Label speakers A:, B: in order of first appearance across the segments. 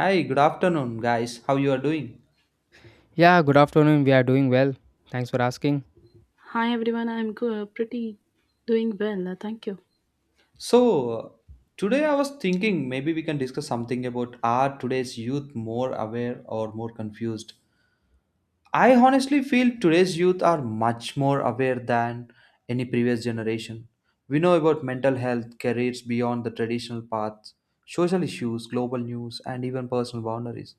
A: Hi, good afternoon, guys. How you are doing?
B: Yeah, good afternoon. We are doing well. Thanks for asking.
C: Hi everyone, pretty doing well. Thank you.
A: So, today I was thinking maybe we can discuss something about are today's youth more aware or more confused? I honestly feel today's youth are much more aware than any previous generation. We know about mental health, careers beyond the traditional paths, social issues, global news, and even personal boundaries.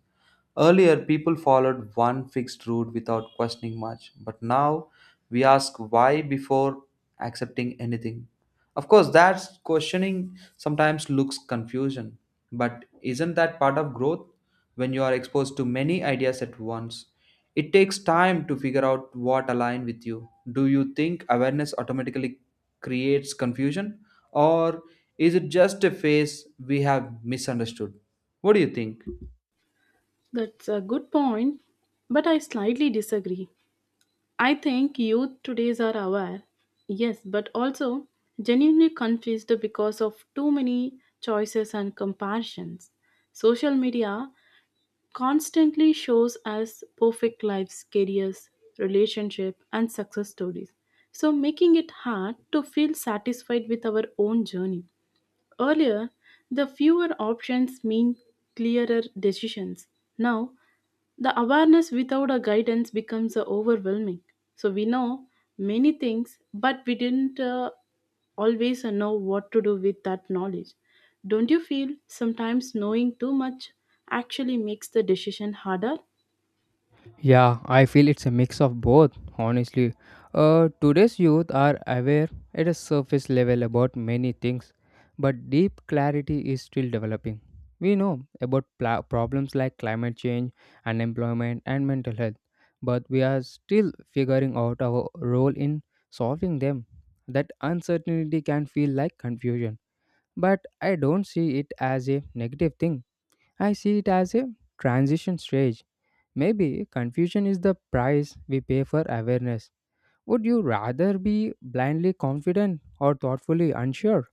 A: Earlier, people followed one fixed route without questioning much, but now we ask why before accepting anything. Of course, that questioning sometimes looks confusion, but isn't that part of growth? When you are exposed to many ideas at once, it takes time to figure out what align with you. Do you think awareness automatically creates confusion, or is it just a phase we have misunderstood? What do you think?
C: That's a good point, but I slightly disagree. I think youth today's are aware, yes, but also genuinely confused because of too many choices and comparisons. Social media constantly shows us perfect lives, careers, relationship, and success stories. So making it hard to feel satisfied with our own journey. Earlier, the fewer options mean clearer decisions. Now, the awareness without a guidance becomes overwhelming. So we know many things, but we didn't always know what to do with that knowledge. Don't you feel sometimes knowing too much actually makes the decision harder?
B: Yeah, I feel it's a mix of both, honestly. Today's youth are aware at a surface level about many things, but deep clarity is still developing. We know about problems like climate change, unemployment, and mental health, but we are still figuring out our role in solving them. That uncertainty can feel like confusion, but I don't see it as a negative thing. I see it as a transition stage. Maybe confusion is the price we pay for awareness. Would you rather be blindly confident or thoughtfully unsure?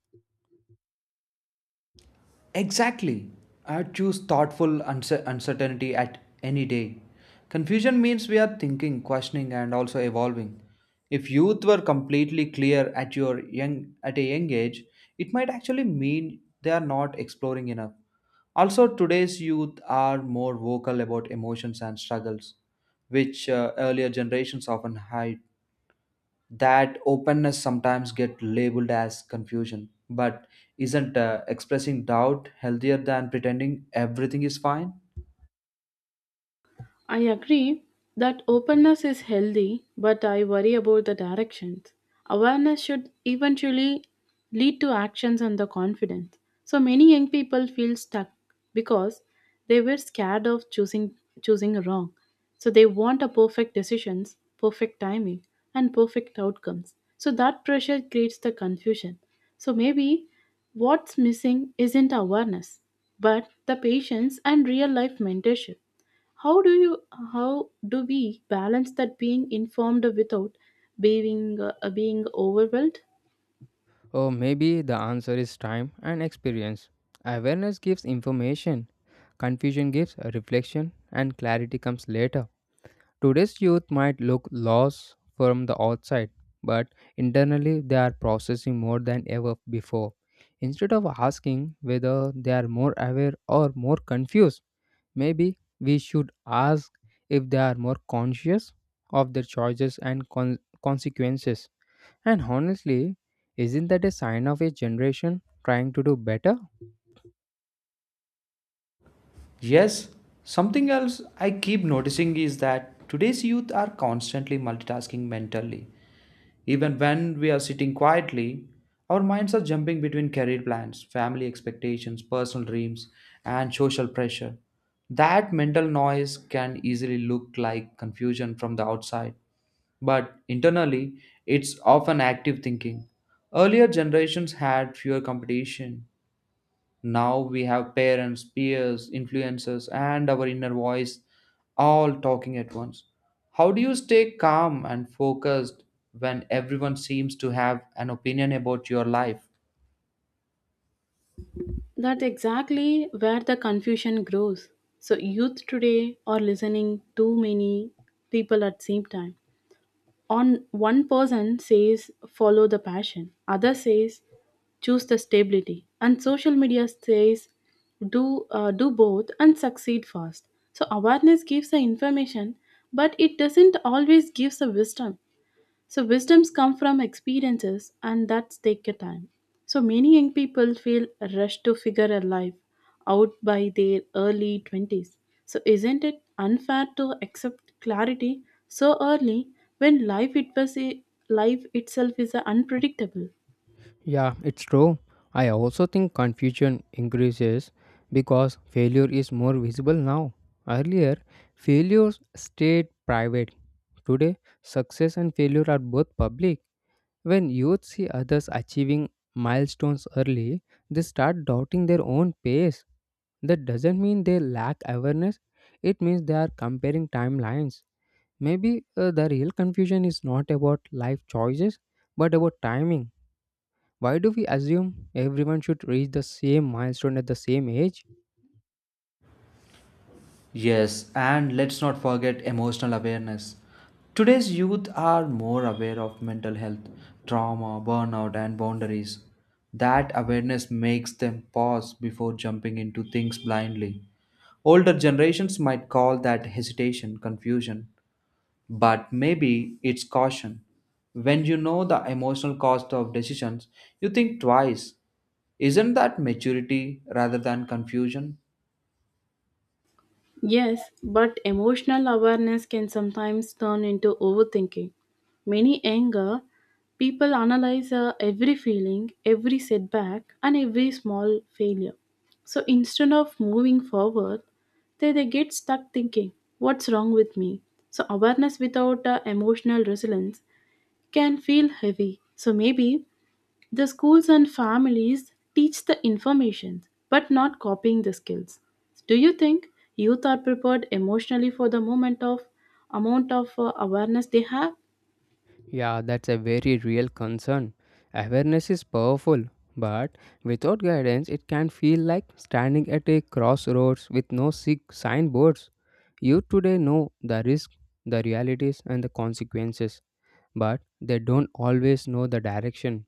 A: Exactly. I choose thoughtful uncertainty at any day. Confusion means we are thinking, questioning, and also evolving. If youth were completely clear at a young age, it might actually mean they are not exploring enough. Also, today's youth are more vocal about emotions and struggles, which earlier generations often hid, that openness sometimes get labeled as confusion, but isn't expressing doubt healthier than pretending everything is fine?
C: I agree that openness is healthy, but I worry about the directions. Awareness should eventually lead to actions and the confidence. So many young people feel stuck because they were scared of choosing wrong. So they want a perfect decisions, perfect timing, and perfect outcomes. So that pressure creates the confusion. So maybe what's missing isn't awareness, but the patience and real life mentorship. how do you how do we balance that being informed without being overwhelmed?
B: Or maybe the answer is time and experience. Awareness gives information, confusion gives a reflection, and clarity comes later. Today's youth might look lost from the outside, but internally they are processing more than ever before. Instead of asking whether they are more aware or more confused, maybe we should ask if they are more conscious of their choices and consequences. And honestly, isn't that a sign of a generation trying to do better?
A: Yes, something else I keep noticing is that today's youth are constantly multitasking mentally, even when we are sitting quietly our minds are jumping between career plans, family expectations, personal dreams, and social pressure. That mental noise can easily look like confusion from the outside, but internally it's often active thinking. Earlier generations had fewer competition. Now we have parents, peers, influencers, and our inner voice all talking at once. How do you stay calm and focused when everyone seems to have an opinion about your life?
C: That's exactly where the confusion grows. So youth today are listening too many people at same time. On one person says follow the passion, other says choose the stability, and social media says do both and succeed fast. So awareness gives the information, but it doesn't always gives the wisdom. So wisdoms come from experiences and that take a time. So many young people feel rushed to figure a life out by their early 20s. So isn't it unfair to accept clarity so early when life itself is a unpredictable?
B: Yeah, it's true. I also think confusion increases because failure is more visible now. Earlier, failures stayed private. Today, success and failure are both public. When youth see others achieving milestones early, they start doubting their own pace. That doesn't mean they lack awareness, it means they are comparing timelines. Maybe the real confusion is not about life choices, but about timing. Why do we assume everyone should reach the same milestone at the same age?
A: Yes, and let's not forget emotional awareness. Today's youth are more aware of mental health, trauma, burnout, and boundaries. That awareness makes them pause before jumping into things blindly. Older generations might call that hesitation confusion, but maybe it's caution. When you know the emotional cost of decisions, you think twice. Isn't that maturity rather than confusion?
C: Yes, but emotional awareness can sometimes turn into overthinking. Many anger people analyze every feeling, every setback, and every small failure. So instead of moving forward, they get stuck thinking, what's wrong with me? So awareness without emotional resilience can feel heavy. So maybe the schools and families teach the information but not copying the skills. Do you think youth are prepared emotionally for the moment of amount of awareness they have?
B: Yeah, that's a very real concern. Awareness is powerful, but without guidance, it can feel like standing at a crossroads with no signboards. You today know the risk, the realities, and the consequences, but they don't always know the direction.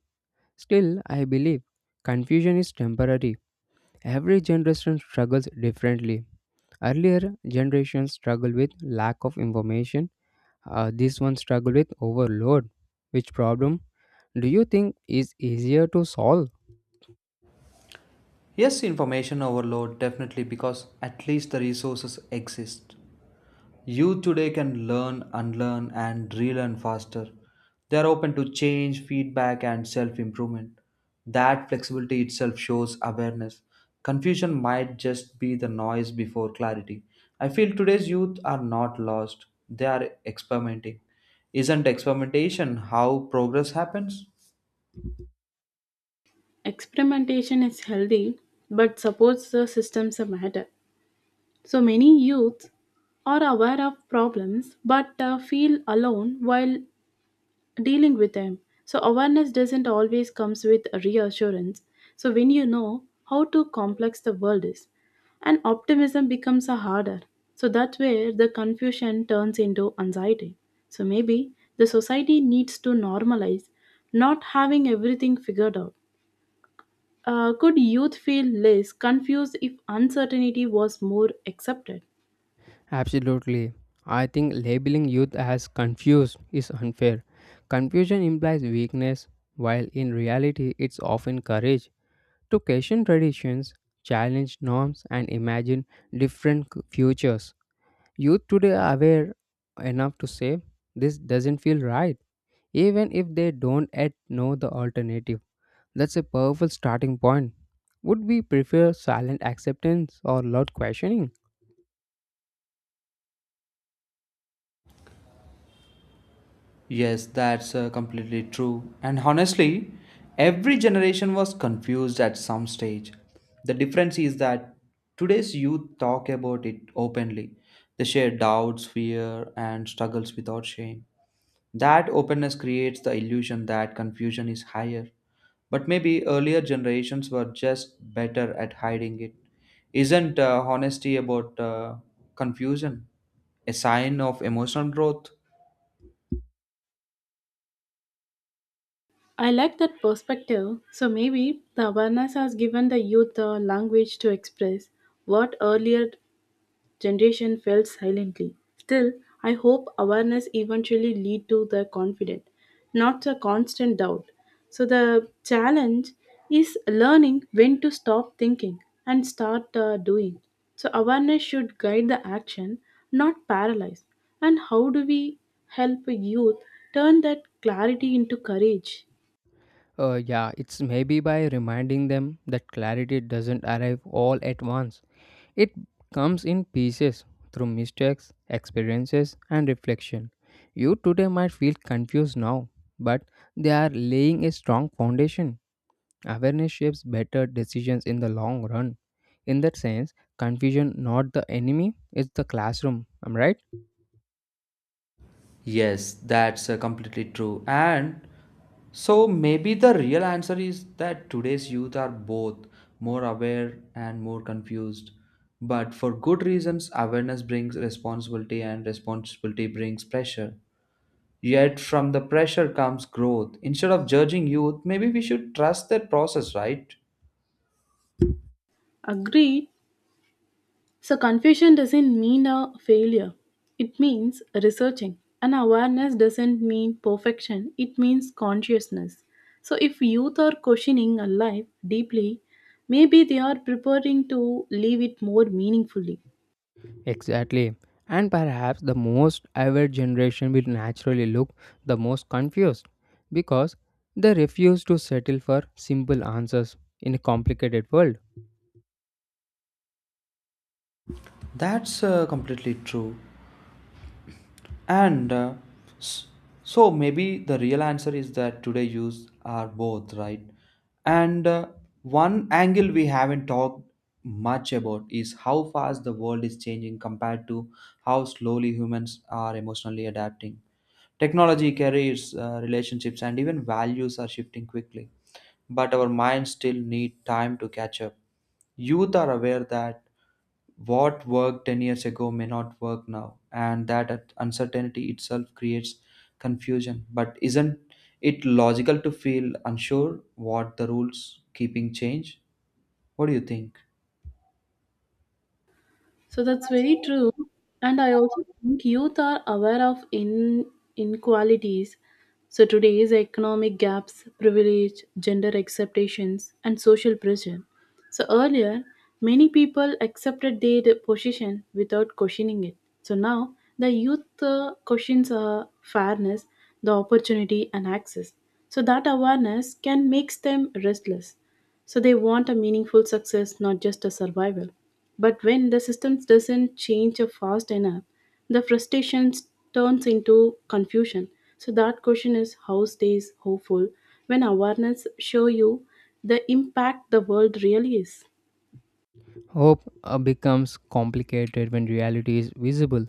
B: Still, I believe confusion is temporary. Every generation struggles differently. Earlier generations struggled with lack of information. This one struggled with overload. Which problem do you think is easier to solve?
A: Yes, information overload definitely, because at least the resources exist. Youth today can learn, unlearn, and relearn faster. They are open to change, feedback, and self improvement. That flexibility itself shows awareness. Confusion might just be the noise before clarity. I feel today's youth are not lost, they are experimenting. Isn't experimentation how progress happens?
C: Experimentation is healthy but supports the systems matter. So many youth are aware of problems but feel alone while dealing with them. So awareness doesn't always comes with reassurance. So when you know how too complex the world is, and optimism becomes a harder. So that's where the confusion turns into anxiety. So maybe the society needs to normalize not having everything figured out. Could youth feel less confused if uncertainty was more accepted?
B: Absolutely. I think labeling youth as confused is unfair. Confusion implies weakness, while in reality, it's often courage to question traditions, challenge norms, and imagine different futures. Youth today are aware enough to say this doesn't feel right, even if they don't yet know the alternative. That's a powerful starting point. Would we prefer silent acceptance or loud questioning?
A: Yes, that's completely true. And honestly, every generation was confused at some stage. The difference is that today's youth talk about it openly. They share doubts, fear, and struggles without shame. That openness creates the illusion that confusion is higher. But maybe earlier generations were just better at hiding it. Isn't honesty about confusion a sign of emotional growth?
C: I like that perspective. So maybe the awareness has given the youth a language to express what earlier generation felt silently. Still, I hope awareness eventually lead to the confident, not a constant doubt. So the challenge is learning when to stop thinking and start doing. So awareness should guide the action, not paralyze. And how do we help youth turn that clarity into courage?
B: Yeah, it's maybe by reminding them that clarity doesn't arrive all at once. It comes in pieces through mistakes, experiences, and reflection. You today might feel confused now, but they are laying a strong foundation. Awareness shapes better decisions in the long run. In that sense, confusion not the enemy, it's the classroom. Am I right?
A: Yes, that's completely true. And so maybe the real answer is that today's youth are both more aware and more confused. But for good reasons, awareness brings responsibility and responsibility brings pressure. Yet from the pressure comes growth. Instead of judging youth, maybe we should trust their process, right?
C: Agreed. So, confusion doesn't mean a failure. It means researching. And awareness doesn't mean perfection, it means consciousness. So, if youth are questioning a life deeply, maybe they are preparing to live it more meaningfully.
B: Exactly. And perhaps the most aware generation will naturally look the most confused because they refuse to settle for simple answers in a complicated world.
A: That's completely true. And s- so maybe the real answer is that today use are both, right? And one angle we haven't talked much about is how fast the world is changing compared to how slowly humans are emotionally adapting. Technology, careers, relationships, and even values are shifting quickly, but our minds still need time to catch up. Youth are aware that what worked 10 years ago may not work now, and that uncertainty itself creates confusion. But isn't it logical to feel unsure what the rules keeping change? What do you think?
C: So that's very true. And I also think youth are aware of in inequalities. So today's economic gaps, privilege, gender expectations, and social pressure. So earlier, many people accepted their position without questioning it. So now, the youth questions fairness, the opportunity, and access. So that awareness can makes them restless. So they want a meaningful success, not just a survival. But when the systems doesn't change fast enough, the frustration turns into confusion. So that question is how stays hopeful when awareness show you the impact the world really is.
B: Hope becomes complicated when reality is visible.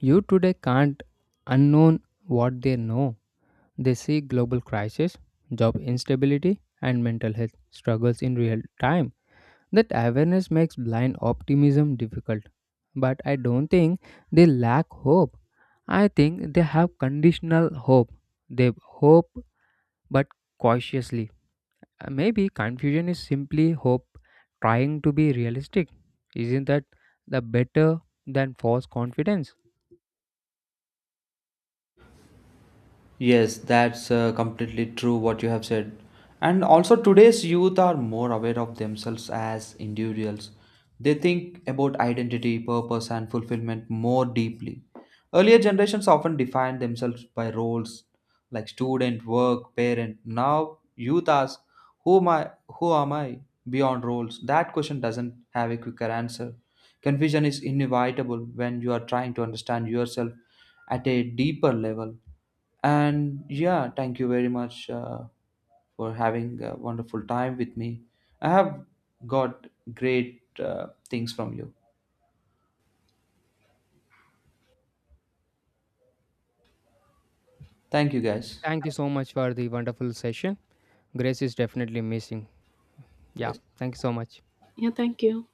B: You today can't unknown what they know. They see global crisis, job instability, and mental health struggles in real time. That awareness makes blind optimism difficult, but I don't think they lack hope. I think they have conditional hope. They hope but cautiously. Maybe confusion is simply hope trying to be realistic. Isn't that the better than false confidence?
A: Yes, that's completely true what you have said. And also, today's youth are more aware of themselves as individuals. They think about identity, purpose, and fulfillment more deeply. Earlier generations often defined themselves by roles like student, work, parent. Now, youth ask, who am I? Who am I? Beyond roles. That question doesn't have a quicker answer. Confusion is inevitable when you are trying to understand yourself at a deeper level. And yeah, thank you very much for having a wonderful time with me. I have got great things from you. Thank you, guys.
B: Thank you so much for the wonderful session. Grace is definitely missing. Yeah,
A: Yes.
B: thank you so much.
C: Yeah, thank you.